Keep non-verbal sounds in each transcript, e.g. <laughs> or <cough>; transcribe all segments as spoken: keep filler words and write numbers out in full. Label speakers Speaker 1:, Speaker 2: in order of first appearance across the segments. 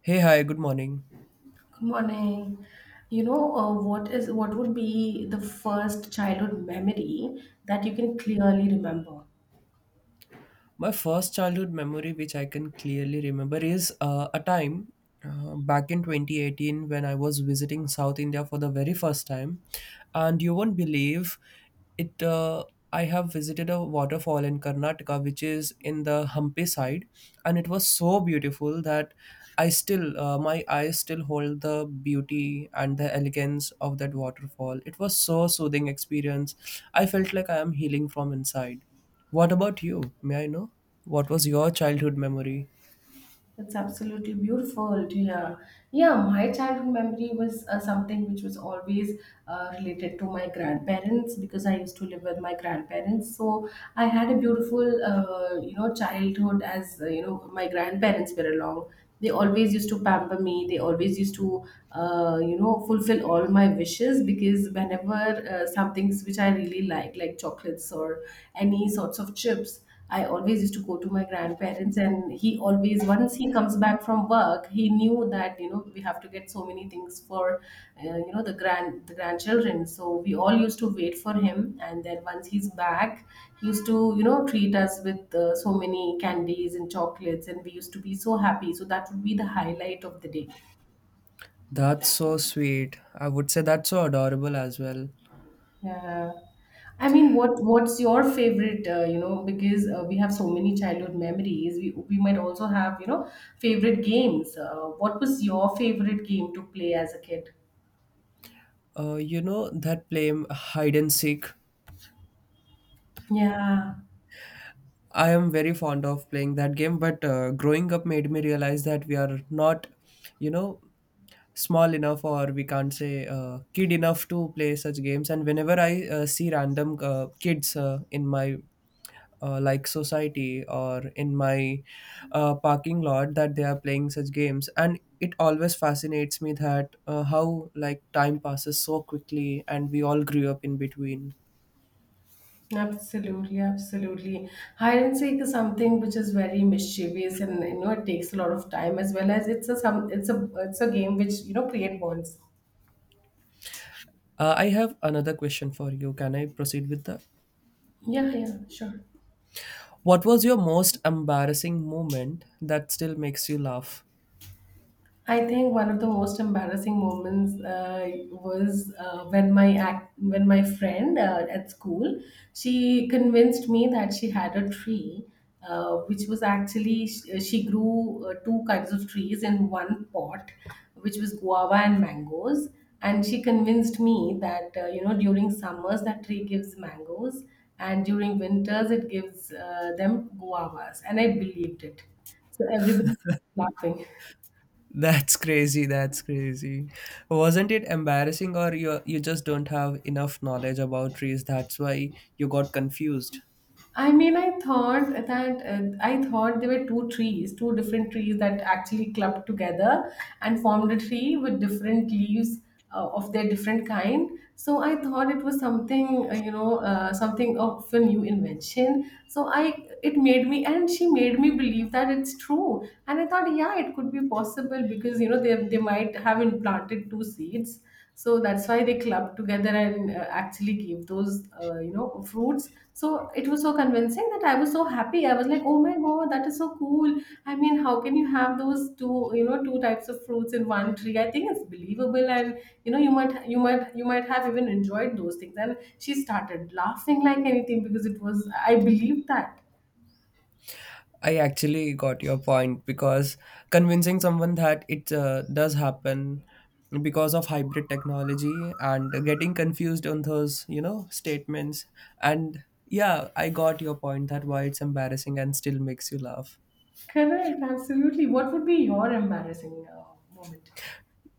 Speaker 1: Hey, hi, good morning.
Speaker 2: Good morning. You know, uh, what is what would be the first childhood memory that you can clearly remember?
Speaker 1: My first childhood memory, which I can clearly remember, is uh, a time uh, back in twenty eighteen when I was visiting South India for the very first time. And you won't believe it, uh, I have visited a waterfall in Karnataka, which is in the Hampi side, and it was so beautiful that I still, uh, my eyes still hold the beauty and the elegance of that waterfall. It was so soothing experience. I felt like I am healing from inside. What about you? May I know? What was your childhood memory?
Speaker 2: That's absolutely beautiful to— yeah, my childhood memory was uh, something which was always uh, related to my grandparents because I used to live with my grandparents. So I had a beautiful, uh, you know, childhood as uh, you know my grandparents were along. They always used to pamper me. They always used to, uh, you know, fulfill all my wishes because whenever uh, some things which I really like, like chocolates or any sorts of chips. I always used to go to my grandparents, and he always, once he comes back from work, he knew that you know we have to get so many things for uh, you know the grand the grandchildren. So we all used to wait for him, and then once he's back, he used to you know treat us with uh, so many candies and chocolates, and we used to be so happy. So that would be the highlight of the day.
Speaker 1: That's so sweet. I would say that's so adorable as well.
Speaker 2: Yeah. I mean, what what's your favorite? Uh, you know, because uh, we have so many childhood memories. We we might also have you know favorite games. Uh, what was your favorite game to play as a kid?
Speaker 1: Uh, you know that play hide and seek.
Speaker 2: Yeah,
Speaker 1: I am very fond of playing that game, but uh, growing up made me realize that we are not, you know, small enough or we can't say uh, kid enough to play such games. And whenever I uh, see random uh, kids uh, in my uh, like society or in my uh, parking lot that they are playing such games, and it always fascinates me that uh, how like time passes so quickly and we all grew up in between.
Speaker 2: absolutely, absolutely. Hide and seek is something which is very mischievous, and you know it takes a lot of time as well as it's a some it's a it's a game which you know create bonds.
Speaker 1: Uh, I have another question for you. Can I proceed with that?
Speaker 2: Yeah, yeah, sure.
Speaker 1: What was your most embarrassing moment that still makes you laugh?
Speaker 2: I think one of the most embarrassing moments uh, was uh, when my act, when my friend uh, at school, she convinced me that she had a tree, uh, which was actually she, she grew uh, two kinds of trees in one pot, which was guava and mangoes. And she convinced me that uh, you know during summers that tree gives mangoes, and during winters it gives uh, them guavas, and I believed it. So everybody was laughing.
Speaker 1: <laughs> That's crazy. That's crazy. Wasn't it embarrassing, or you you just don't have enough knowledge about trees? That's why you got confused.
Speaker 2: I mean, I thought that uh, I thought there were two trees, two different trees that actually clubbed together and formed a tree with different leaves uh, of their different kind. So I thought it was something, uh, you know, uh, something of a new invention. So I, it made me, and she made me believe that it's true. And I thought, yeah, it could be possible because you know they they might have implanted two seeds, so that's why they clubbed together and uh, actually gave those uh, you know fruits. So it was so convincing that I was so happy. I was like, oh my God, that is so cool. I mean, how can you have those two, you know two types of fruits in one tree? I think it's believable. And you know you might you might you might have even enjoyed those things, and she started laughing like anything because it was— I believed that.
Speaker 1: I actually got your point because convincing someone that it uh, does happen because of hybrid technology and getting confused on those you know statements, and yeah, I got your point that why it's embarrassing and still makes you laugh.
Speaker 2: Correct, absolutely. What would be your embarrassing uh, moment?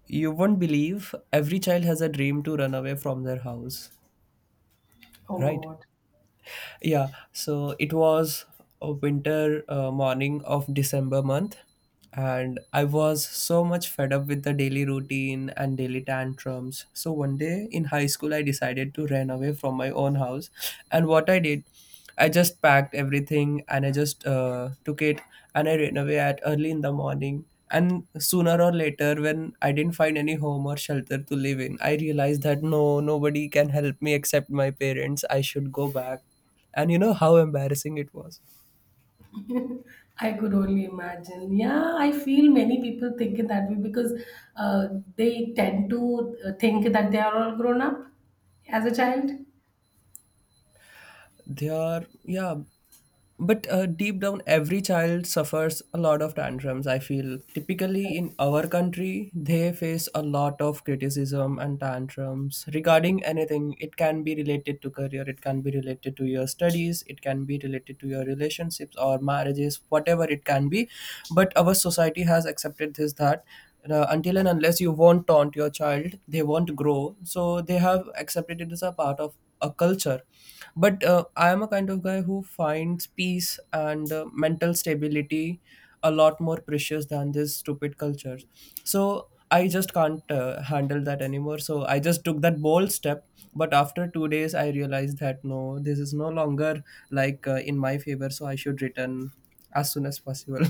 Speaker 1: You won't believe every child has a dream to run away from their house,
Speaker 2: Oh
Speaker 1: right?
Speaker 2: God,
Speaker 1: Yeah, so it was a winter uh, morning of December month, and I was so much fed up with the daily routine and daily tantrums. So one day in high school, I decided to run away from my own house, and what I did, I just packed everything and I just uh, took it, and I ran away at early in the morning. And sooner or later, when I didn't find any home or shelter to live in, I realized that no, nobody can help me except my parents. I should go back. And you know how embarrassing it was?
Speaker 2: I could only imagine. Yeah, I feel many people think it that way because uh, they tend to uh, think that they are all grown up as a child.
Speaker 1: They are, yeah. But uh, deep down, every child suffers a lot of tantrums, I feel. Typically, in our country, they face a lot of criticism and tantrums regarding anything. It can be related to career, it can be related to your studies, it can be related to your relationships or marriages, whatever it can be. But our society has accepted this that uh, until and unless you won't taunt your child, they won't grow. So they have accepted it as a part of a culture, but uh, I am a kind of guy who finds peace and uh, mental stability a lot more precious than this stupid cultures. So I just can't uh, handle that anymore, so I just took that bold step. But after two days I realized that no, this is no longer like uh, in my favor, so I should return as soon as possible.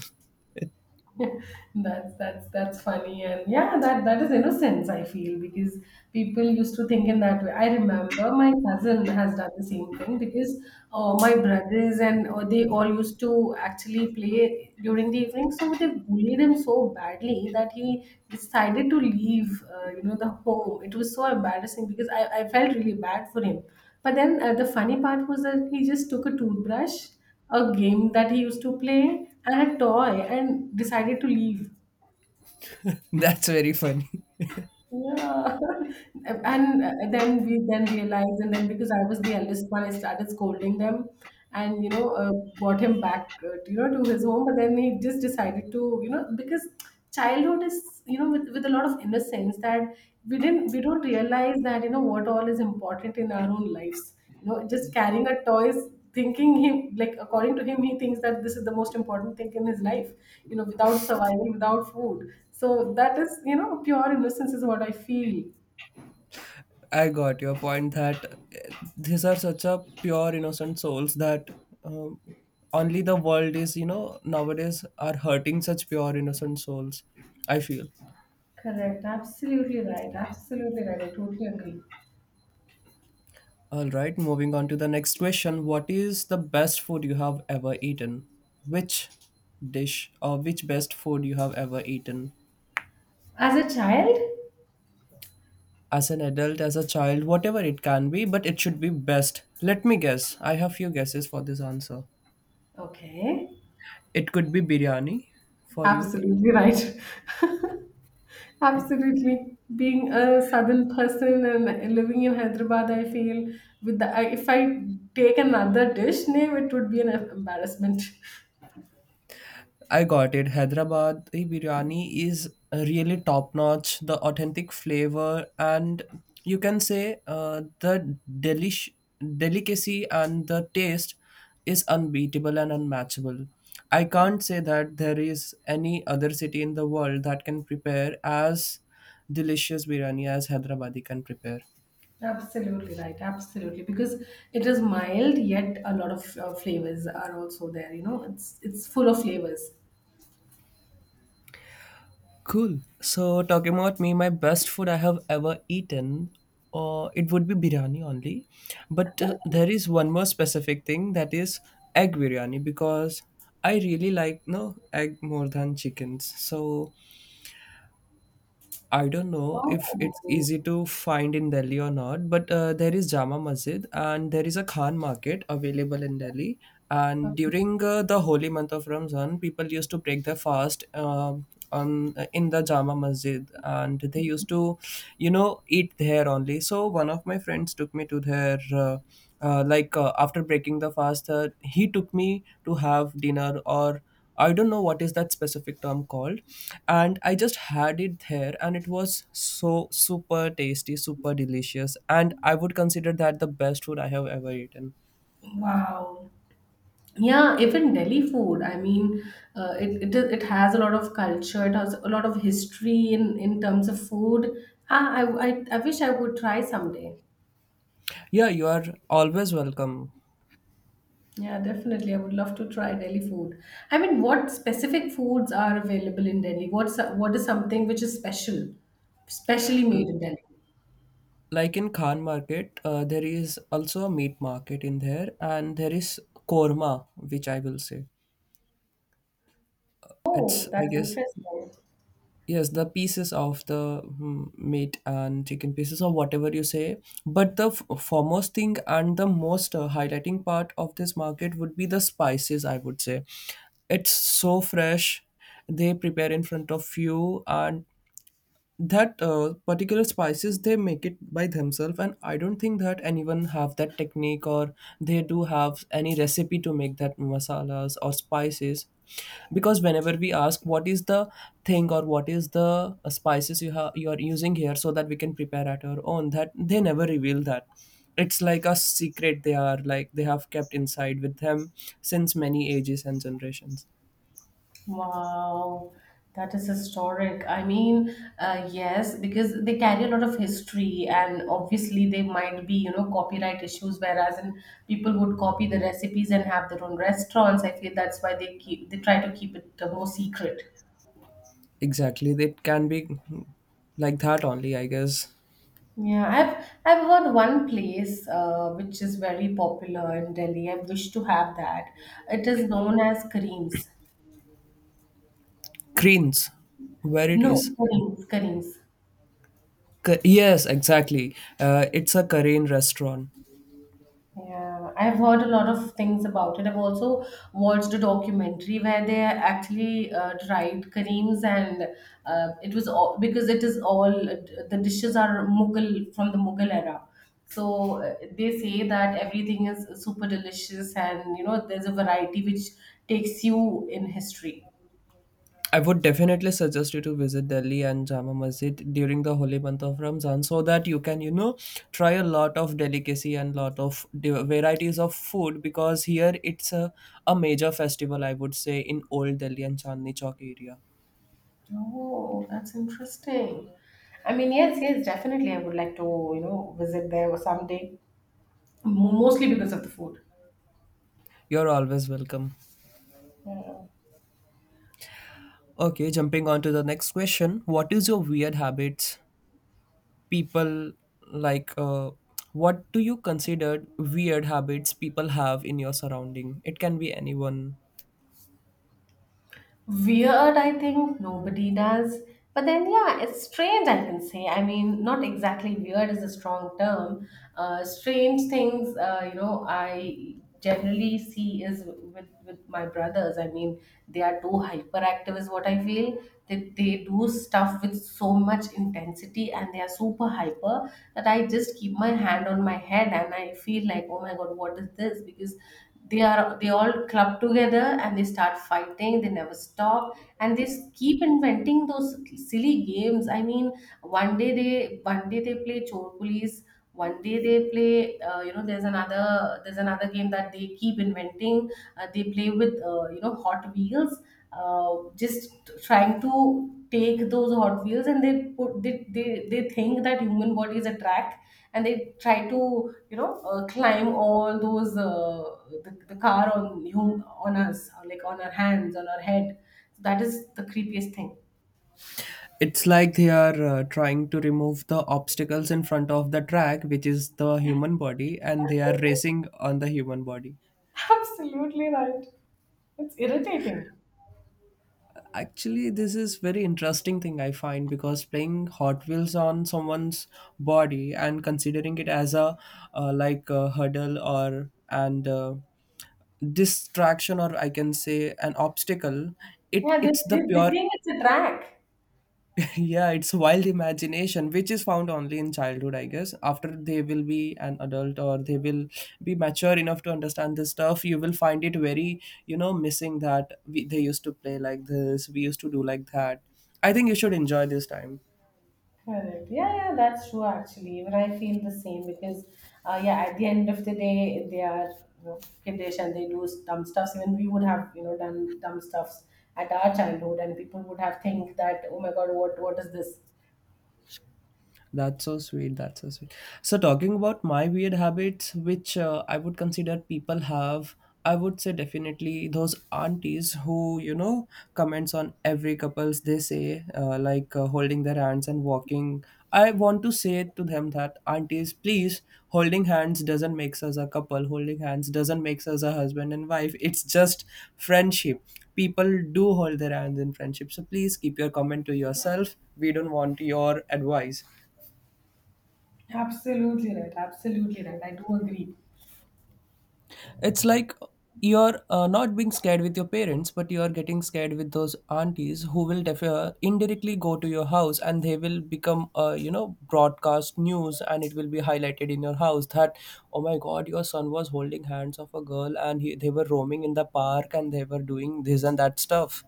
Speaker 2: <laughs> that's that's that's funny, and yeah, that that is innocence, I feel, because people used to think in that way. I remember my cousin has done the same thing because uh, my brothers and uh, they all used to actually play during the evening, so they bullied him so badly that he decided to leave uh, you know the home. It was so embarrassing because i, I felt really bad for him. But then uh, the funny part was that he just took a toothbrush, a game that he used to play, and a toy, and decided to leave.
Speaker 1: <laughs> That's very funny.
Speaker 2: Yeah. <laughs> And uh, then we then realized, and then because I was the eldest one, I started scolding them and, you know, uh, brought him back, uh, to, you know, to his home. But then he just decided to, you know, because childhood is, you know, with, with a lot of innocence that we didn't, we don't realize that, you know, what all is important in our own lives. You know just carrying a toy is— thinking him, like, according to him he thinks that this is the most important thing in his life, you know without survival, without food. So that is, you know pure innocence is what I feel.
Speaker 1: I got your point that uh, these are such a pure innocent souls that um, only the world is, you know, nowadays are hurting such pure innocent souls. I feel.
Speaker 2: Correct. Absolutely right. Absolutely right. I totally agree.
Speaker 1: All right, moving on to the next question. What is the best food you have ever eaten? Which dish or which best food you have ever eaten?
Speaker 2: As a child,
Speaker 1: As an adult, as a child, whatever it can be, but it should be best. Let me guess. I have few guesses for this answer.
Speaker 2: okay,
Speaker 1: It could be biryani for you.
Speaker 2: absolutely right. <laughs> Absolutely. Being a southern person and living in Hyderabad, I feel with the— I- if I take another dish name, it would be an embarrassment. <laughs>
Speaker 1: I got it. Hyderabadi biryani is really top notch. The authentic flavor and you can say uh, the delish delicacy and the taste is unbeatable and unmatchable. I can't say that there is any other city in the world that can prepare as delicious biryani as Hyderabadi can prepare.
Speaker 2: Absolutely right. Absolutely, because it is mild, yet a lot of uh, flavors are also there. You know, it's it's full of flavors.
Speaker 1: Cool. So, talking about me, my best food I have ever eaten, or it would be biryani only. But uh, there is one more specific thing that is egg biryani because I really like no egg more than chickens. So, I don't know if it's
Speaker 2: Oh,
Speaker 1: easy to find in Delhi or not, but uh, there is Jama Masjid and there is a Khan market available in Delhi. And during uh, the holy month of Ramzan, people used to break their fast um on uh, in the Jama Masjid, and they used to, you know, eat there only. So one of my friends took me to their. Uh, uh, like uh, after breaking the fast, uh, he took me to have dinner, or I don't know what is that specific term called. And I just had it there and it was so super tasty, super delicious. And I would consider that the best food I have ever eaten.
Speaker 2: wow. Yeah, even Delhi food. I mean, uh, it, it is- it has a lot of culture. It has a lot of history in in terms of food. Ah, I I, I wish I would try someday.
Speaker 1: Yeah, you are always welcome.
Speaker 2: Yeah, definitely. I would love to try Delhi food. I mean, what specific foods are available in Delhi? What's what is something which is special, specially made
Speaker 1: L-
Speaker 2: in Delhi?
Speaker 1: Like in Khan market, uh, there is also a meat market in there and there is korma, which I will say. It's,
Speaker 2: Oh,
Speaker 1: I
Speaker 2: that's
Speaker 1: guess,
Speaker 2: interesting.
Speaker 1: yes, the pieces of the mm, meat and chicken pieces or whatever you say. But the f- foremost thing and the most uh, highlighting part of this market would be the spices, I would say. It's so fresh. They prepare in front of you, and that uh, particular spices they make it by themselves, and I don't think that anyone have that technique, or they do have any recipe to make that masalas or spices, because whenever we ask what is the thing or what is the uh, spices you have you are using here so that we can prepare at our own, that they never reveal that. It's like a secret, they are like they have kept inside with them since many ages and generations.
Speaker 2: Wow, that is historic. I mean, uh, yes, because they carry a lot of history, and obviously they might be, you know, copyright issues. Whereas in— people would copy the recipes and have their own restaurants. I feel that's why they keep they try to keep it uh, more secret.
Speaker 1: Exactly, it can be like that only, I guess.
Speaker 2: Yeah, I've I've heard one place uh, which is very popular in Delhi. I wish to have that. It is known as Kareem's.
Speaker 1: Creens, where it
Speaker 2: No,
Speaker 1: is.
Speaker 2: Kareem's, Kareem's.
Speaker 1: Ca- Yes, exactly. Uh, it's a Korean restaurant.
Speaker 2: Yeah, I've heard a lot of things about it. I've also watched a documentary where they actually uh, tried Kareem's, and uh, it was all because it is— all the dishes are Mughal, from the Mughal era. So uh, they say that everything is super delicious, and you know there's a variety which takes you in history.
Speaker 1: I would definitely suggest you to visit Delhi and Jama Masjid during the holy month of Ramzan so that you can, you know, try a lot of delicacy and lot of di- varieties of food, because here it's a, a major festival, I would say, in Old Delhi and Chandni Chowk area.
Speaker 2: Oh, that's interesting. I mean, yes, yes, definitely. I would like to you know visit there someday, mostly because of the food.
Speaker 1: You're always welcome. Okay, jumping on to the next question. What is your weird habits people like uh, what do you consider weird habits people have in your surrounding, it can be anyone.
Speaker 2: Weird, I think nobody does. But then, yeah, it's strange, I can say. I mean, not exactly— weird is a strong term. Uh, strange things, uh, you know, I generally see is with, with my brothers. I mean, they are too hyperactive, is what I feel. They, they do stuff with so much intensity, and they are super hyper that I just keep my hand on my head and I feel like, oh my God, what is this? Because they are they all club together and they start fighting, they never stop, and they s- keep inventing those silly games. I mean, one day they— one day they play chor police, one day they play uh, you know there's another there's another game that they keep inventing. Uh, they play with uh, you know hot wheels, uh, just trying to take those hot wheels, and they put— they, they they think that human body is a track, and they try to you know uh, climb all those uh, the, the car on you, on us, or like on our hands, on our head. So that is the creepiest thing.
Speaker 1: It's like they are uh, trying to remove the obstacles in front of the track which is the human body and they are
Speaker 2: <laughs>
Speaker 1: racing on the human body.
Speaker 2: Absolutely right. It's irritating.
Speaker 1: Actually, this is very interesting thing I find because playing hot wheels on someone's body and considering it as a uh, like a hurdle or and uh, distraction or I can say an obstacle, it
Speaker 2: Yeah, they,
Speaker 1: it's the
Speaker 2: they, they
Speaker 1: pure
Speaker 2: think it's a track.
Speaker 1: <laughs> yeah, it's wild imagination which is found only in childhood, I guess. After they will be an adult or they will be mature enough to understand this stuff, you will find it very, you know, missing that we, they used to play like this, we used to do like that. I think you should enjoy this time.
Speaker 2: Correct. Yeah, yeah, that's true actually. Even I feel the same because, uh, yeah, at the end of the day, they are, you know, kiddish, and they do dumb stuffs. Even we would have, you know, done dumb stuffs at our childhood, and people would have think that, oh my God, what what is this?
Speaker 1: That's so sweet. That's so sweet. So, talking about my weird habits, which uh, I would consider people have, I would say definitely those aunties who, you know, comments on every couples they say, uh, like uh, holding their hands and walking. I want to say to them that, aunties, please, holding hands doesn't makes us a couple. Holding hands doesn't makes us a husband and wife. It's just friendship. People do hold their hands in friendship. So, please keep your comment to yourself. We don't want your advice.
Speaker 2: Absolutely right. Absolutely right. I do agree.
Speaker 1: It's like you're uh, not being scared with your parents, but you are getting scared with those aunties who will def- uh, indirectly go to your house and they will become, uh, you know, broadcast news and it will be highlighted in your house that, oh my God, your son was holding hands of a girl and he, they were roaming in the park and they were doing this and that stuff.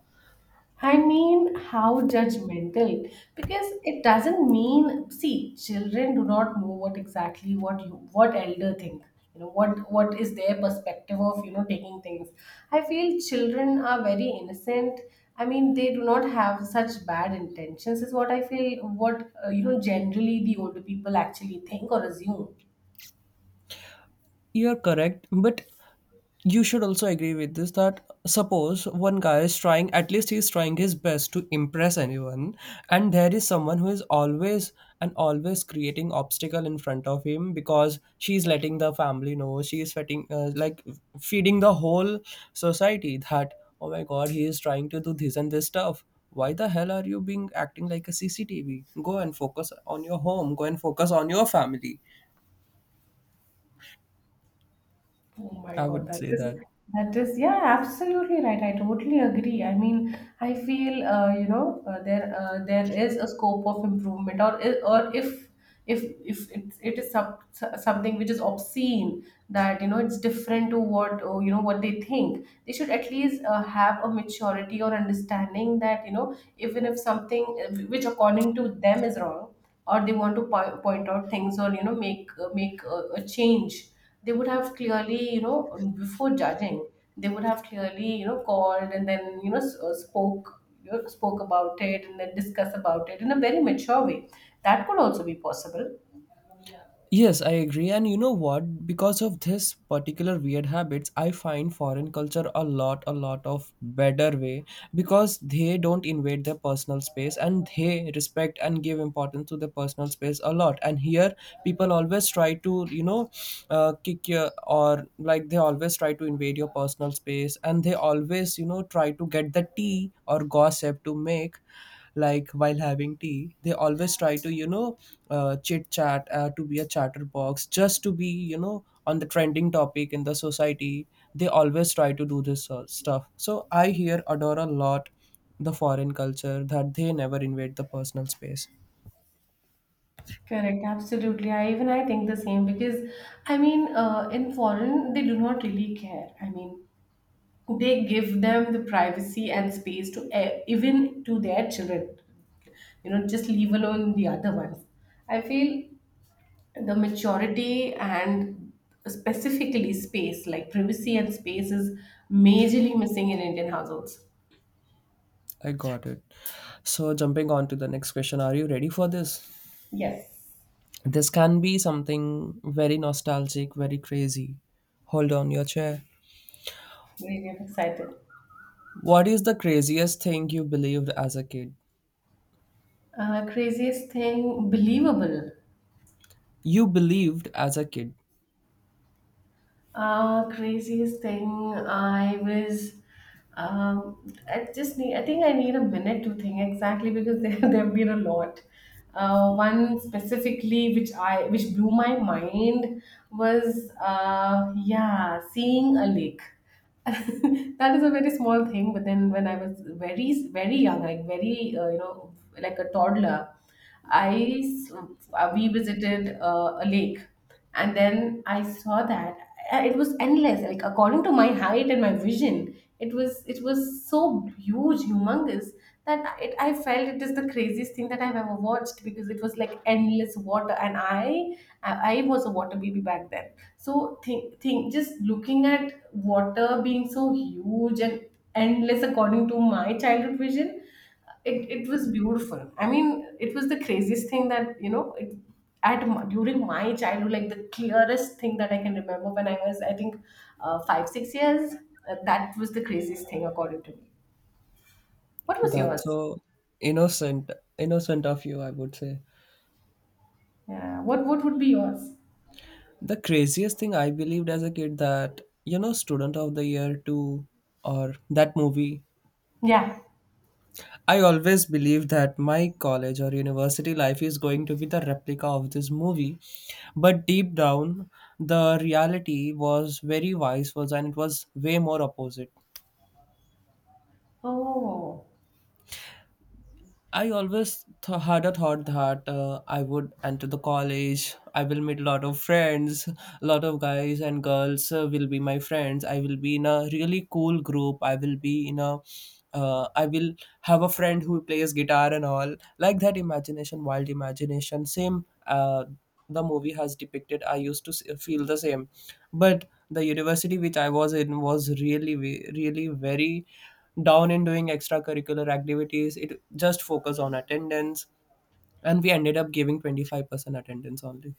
Speaker 2: I mean, how judgmental. Because it doesn't mean— see, children do not know what exactly what you, what elder think. You know, what, what is their perspective of, you know, taking things. I feel children are very innocent. I mean, they do not have such bad intentions, is what I feel, what, uh, you know, generally the older people actually think or assume.
Speaker 1: You're correct, but you should also agree with this that suppose one guy is trying, at least he's trying his best to impress anyone, and there is someone who is always and always creating obstacle in front of him because she's letting the family know, she is feeding, uh, like feeding the whole society that oh my God, he is trying to do this and this stuff. Why the hell are you being acting like a C C T V? Go and focus on your home. Go and focus on your family.
Speaker 2: Oh my
Speaker 1: I
Speaker 2: God,
Speaker 1: would
Speaker 2: that
Speaker 1: say
Speaker 2: is—
Speaker 1: that.
Speaker 2: that is, yeah, absolutely right. I totally agree. I mean, I feel uh, you know uh, there— uh, there is a scope of improvement, or i- or if if if it's, it is some, something which is obscene, that you know it's different to what— or, you know, what they think, they should at least uh, have a maturity or understanding that you know even if something uh, which according to them is wrong, or they want to po- point out things, or you know make uh, make a, a change, they would have clearly, you know before judging, they would have clearly, you know called and then, you know s- uh, spoke, you know, spoke about it and then discuss about it in a very mature way. That could also be possible.
Speaker 1: Yes, I agree. And you know what? Because of this particular weird habits, I find foreign culture a lot, a lot of better way because they don't invade their personal space and they respect and give importance to their personal space a lot. And here, people always try to, you know, uh, kick your, or like they always try to invade your personal space and they always, you know, try to get the tea or gossip to make, like while having tea they always try to, you know uh, chit chat, uh, to be a chatterbox, just to be, you know on the trending topic in the society. They always try to do this sort stuff, so I here adore a lot the foreign culture that they never invade the personal space.
Speaker 2: Correct, absolutely. I even I think the same because I mean, uh, in foreign they do not really care. I mean, they give them the privacy and space to e- even to their children, you know just leave alone the other ones. I feel the maturity and specifically space, like privacy and space, is majorly missing in Indian households.
Speaker 1: I got it. So jumping on to the next question, are you ready for this?
Speaker 2: Yes,
Speaker 1: This can be something very nostalgic, very crazy. Hold on your chair.
Speaker 2: really, I'm excited.
Speaker 1: What is the craziest thing you believed as a kid?
Speaker 2: uh, craziest thing believable.
Speaker 1: You believed as a kid.
Speaker 2: Uh, craziest thing I was. Um, I just need. I think I need a minute to think exactly because there <laughs> there have been a lot. Uh, one specifically which I which blew my mind was uh, yeah, seeing a lake. <laughs> That is a very small thing, but then when I was very very young, like very uh, you know like a toddler, i s- uh, we visited uh, a lake, and then I saw that uh, it was endless. Like, according to my height and my vision, it was it was so huge, humongous, that it I felt it is the craziest thing that I've ever watched, because it was like endless water, and i i I was a water baby back then. So, think think just looking at water being so huge and endless according to my childhood vision, it, it was beautiful. I mean, it was the craziest thing that, you know it, at m- during my childhood. Like, the clearest thing that I can remember when I was, I think, uh, five six years. uh, that was the craziest thing according to me. What was
Speaker 1: That's
Speaker 2: yours?
Speaker 1: so innocent, innocent of you, I would say.
Speaker 2: Yeah, what what would be yours?
Speaker 1: The craziest thing I believed as a kid, that you know, Student of the Year two, or that movie.
Speaker 2: Yeah.
Speaker 1: I always believed that my college or university life is going to be the replica of this movie. But deep down the reality was very vice versa, and it was way more opposite.
Speaker 2: Oh.
Speaker 1: I always th- had a thought that uh, I would enter the college. I will meet a lot of friends, a lot of guys and girls uh, will be my friends. I will be in a really cool group. I will be in a, uh, I will have a friend who plays guitar and all like that. Imagination, wild imagination. Same, uh, the movie has depicted. I used to s- feel the same, but the university which I was in was really, ve- really very down in doing extracurricular activities. It just focus on attendance, and we ended up giving twenty-five percent attendance only.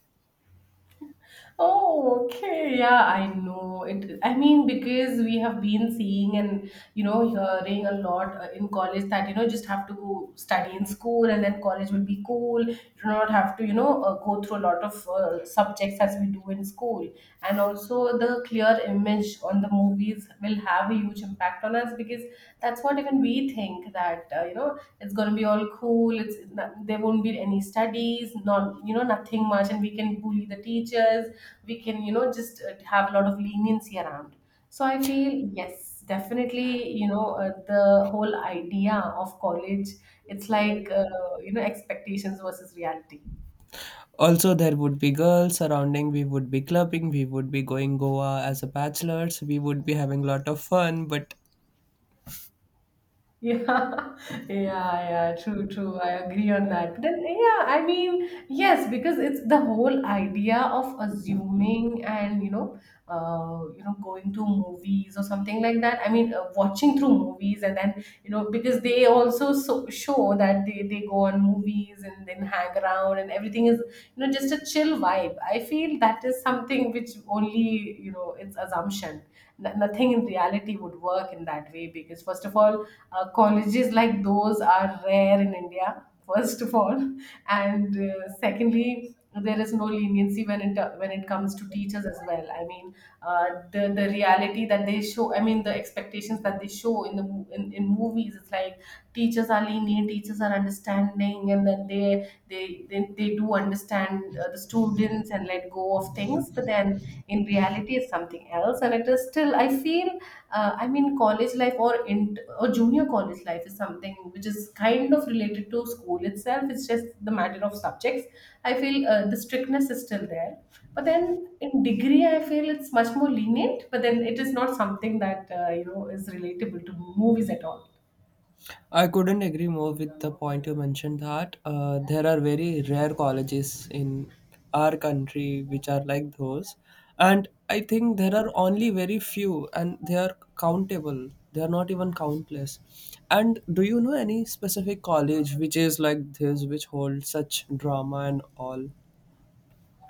Speaker 2: Oh, okay. Yeah, I know it. I mean, because we have been seeing and, you know, hearing a lot uh, in college that, you know, just have to go study in school and then college will be cool. You do not have to, you know, uh, go through a lot of uh, subjects as we do in school. And also, the clear image on the movies will have a huge impact on us because that's what even we think, that uh, you know, it's going to be all cool. It's not, there won't be any studies, not, you know, nothing much, and we can bully the teachers, we can, you know, just uh, have a lot of leniency around. So I feel, yes, definitely, you know, uh, the whole idea of college, it's like, uh, you know expectations versus reality.
Speaker 1: Also, there would be girls surrounding. We would be clubbing. We would be going Goa as a bachelors. We would be having a lot of fun, but
Speaker 2: Yeah, <laughs> yeah, yeah, true, true. I agree on that. But then, yeah, I mean, yes, because it's the whole idea of assuming and, you know, uh, you know, going to movies or something like that. I mean, uh, watching through movies and then, you know, because they also so show that they, they go on movies and then hang around and everything is, you know, just a chill vibe. I feel that is something which only, you know, it's assumption. N- nothing in reality would work in that way because, first of all, uh, colleges like those are rare in India, first of all, <laughs> and uh, secondly, there is no leniency when it when it comes to teachers as well. I mean, uh, the the reality that they show, I mean, the expectations that they show in the mo- in, in movies, it's like teachers are lenient, teachers are understanding, and then they they they, they do understand uh, the students and let go of things, but then in reality it's something else. And it is still, I feel, uh, I mean, college life, or in or junior college life, is something which is kind of related to school itself. It's just the matter of subjects. I feel uh, the strictness is still there, but then in degree, I feel it's much more lenient. But then it is not something that, uh, you know, is relatable to movies at all.
Speaker 1: I couldn't agree more with the point you mentioned that uh, there are very rare colleges in our country which are like those. And I think there are only very few and they are countable. They are not even countless. And do you know any specific college which is like this, which holds such drama and all?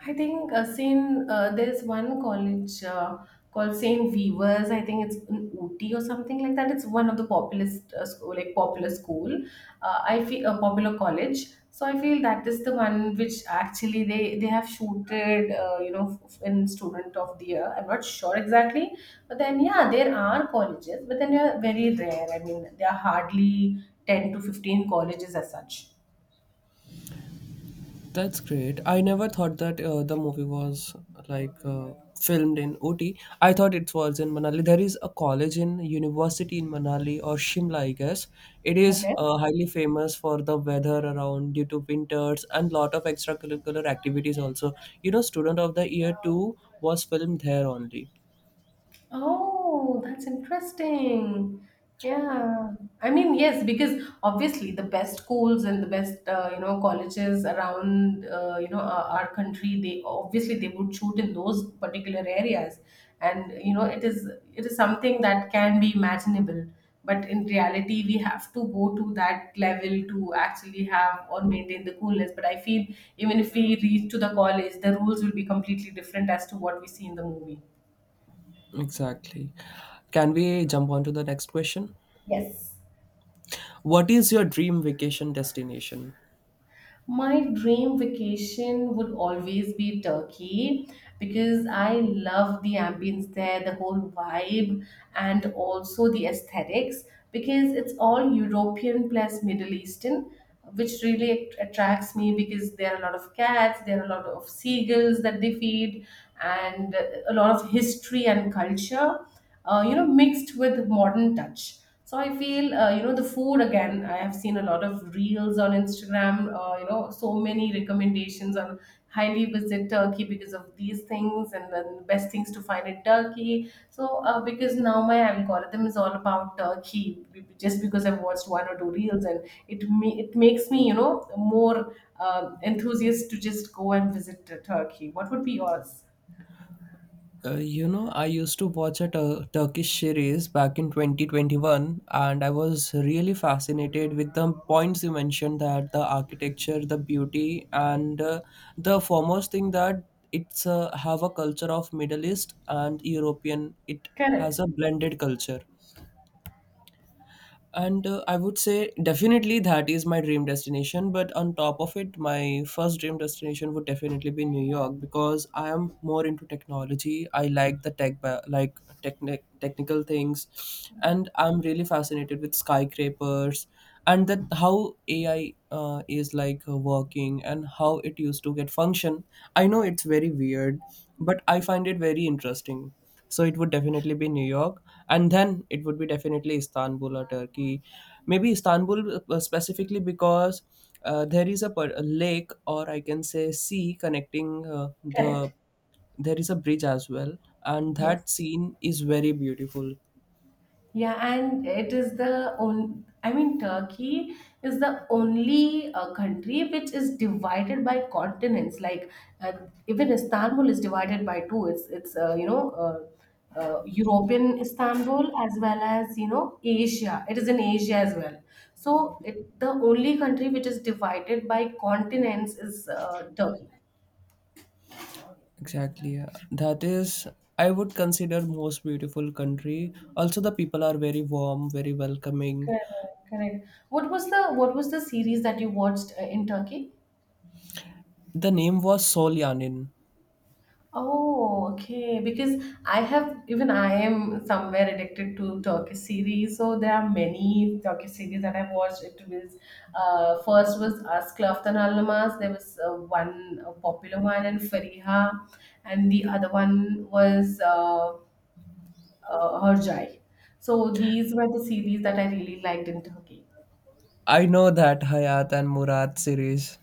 Speaker 2: I think uh, Saint, uh, there's one college uh, called Saint Weavers. I think it's in Ooty or something like that. It's one of the populist uh, school, like popular school. Uh, I feel a popular college. So I feel that is the one which actually they they have shooted, uh, you know, f- in Student of the Year. I'm not sure exactly, but then yeah, there are colleges, but then they are very rare. I mean, there are hardly ten to fifteen colleges as such.
Speaker 1: That's great. I never thought that uh, the movie was like uh, filmed in Ooty. I thought it was in Manali. There is a college in university in Manali or Shimla, I guess. It is
Speaker 2: Okay.
Speaker 1: uh, highly famous for the weather around due to winters and lot of extracurricular activities also. You know, Student of the Year two was filmed there only.
Speaker 2: Oh, that's interesting. Yeah. I mean, yes, because obviously the best schools and the best, uh, you know colleges around, uh, you know our, our country, they obviously they would shoot in those particular areas, and you know it is, it is something that can be imaginable. But in reality, we have to go to that level to actually have or maintain the coolness. But I feel, even if we reach to the college, the rules will be completely different as to what we see in the movie.
Speaker 1: Exactly. Can we jump on to the next question?
Speaker 2: Yes.
Speaker 1: What is your dream vacation destination?
Speaker 2: My dream vacation would always be Turkey, because I love the ambience there, the whole vibe, and also the aesthetics, because it's all European plus Middle Eastern, which really att- attracts me, because there are a lot of cats, there are a lot of seagulls that they feed, and uh, a lot of history and culture uh, you know mixed with modern touch. So I feel, uh, you know the food, again, I have seen a lot of reels on Instagram, uh, you know, so many recommendations on highly visit Turkey because of these things, and then best things to find in Turkey. So uh, because now my algorithm is all about Turkey, b- just because I've watched one or two reels, and it ma- it makes me, you know, more um enthusiast to just go and visit uh, Turkey. What would be yours?
Speaker 1: Uh, you know, I used to watch a tur- Turkish series back in twenty twenty-one, and I was really fascinated with the points you mentioned that the architecture, the beauty, and uh, the foremost thing that it's uh, have a culture of Middle East and European. It has
Speaker 2: Correct.
Speaker 1: a blended culture. And uh, I would say definitely that is my dream destination. But on top of it, my first dream destination would definitely be New York, because I am more into technology. I like the tech, ba- like techni- technical things, and I'm really fascinated with skyscrapers and that how ai uh, is like uh, working, and how it used to get function. I know it's very weird, but I find it very interesting. So it would definitely be New York, and then it would be definitely Istanbul or Turkey. Maybe Istanbul, uh, specifically, because uh, there is a, per- a lake, or I can say sea connecting uh, the,
Speaker 2: Correct.
Speaker 1: there is a bridge as well, and
Speaker 2: Yes.
Speaker 1: that scene is very beautiful.
Speaker 2: Yeah, and it is the only, I mean, Turkey is the only uh, country which is divided by continents. Like, uh, even Istanbul is divided by two. It's it's uh, you know uh, uh, European Istanbul as well as, you know, Asia. It is in Asia as well. So it, the only country which is divided by continents is uh, Turkey.
Speaker 1: Exactly, yeah. That is, I would consider most beautiful country. Also, the people are very warm, very welcoming.
Speaker 2: Correct. Correct. What was the what was the series that you watched uh, in Turkey?
Speaker 1: The name was Solyanin.
Speaker 2: Oh, okay. Because I have, even I am somewhere addicted to Turkish series. So there are many Turkish series that I've watched. It was, uh, first was As Klaftan Almaaz. There was uh, one uh, popular one in Fariha, and the other one was uh, uh, Hercai. So these were the series that I really liked in Turkey.
Speaker 1: I know that Hayat and Murad series.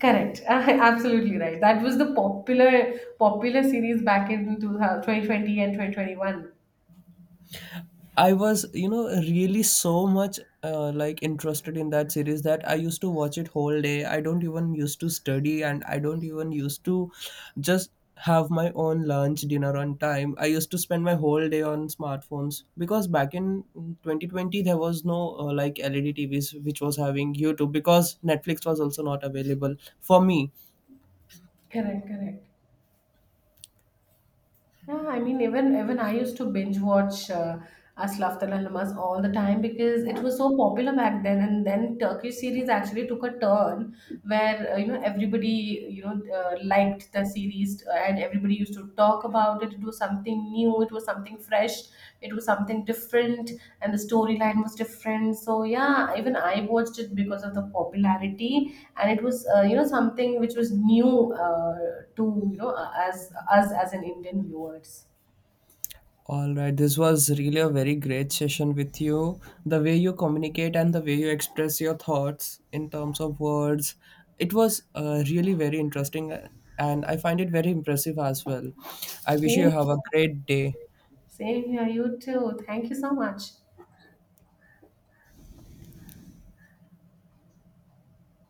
Speaker 2: Correct. <laughs> Absolutely right. That was the popular popular series back in two thousand and twenty twenty-one.
Speaker 1: I was, you know, really so much uh, like interested in that series that I used to watch it whole day. I don't even used to study, and I don't even used to just have my own lunch, dinner on time. I used to spend my whole day on smartphones because back in twenty twenty there was no uh, like L E D T Vs which was having YouTube, because Netflix was also not available for me.
Speaker 2: Correct, correct. Yeah, I mean, even even I used to binge watch uh, Aslaftan Al Namas all the time because it was so popular back then. And then Turkish series actually took a turn where uh, you know everybody, you know, uh, liked the series, uh, and everybody used to talk about it. It was something new, it was something fresh, it was something different, and the storyline was different. So yeah, even I watched it because of the popularity, and it was, uh, you know, something which was new, uh, to you know uh, as us, as an Indian viewers.
Speaker 1: All right, this was really a very great session with you. The way you communicate and the way you express your thoughts in terms of words, it was uh, really very interesting, uh, and I find it very impressive as well. I wish you
Speaker 2: Same.
Speaker 1: have a great day.
Speaker 2: Same here, you too. Thank you so much.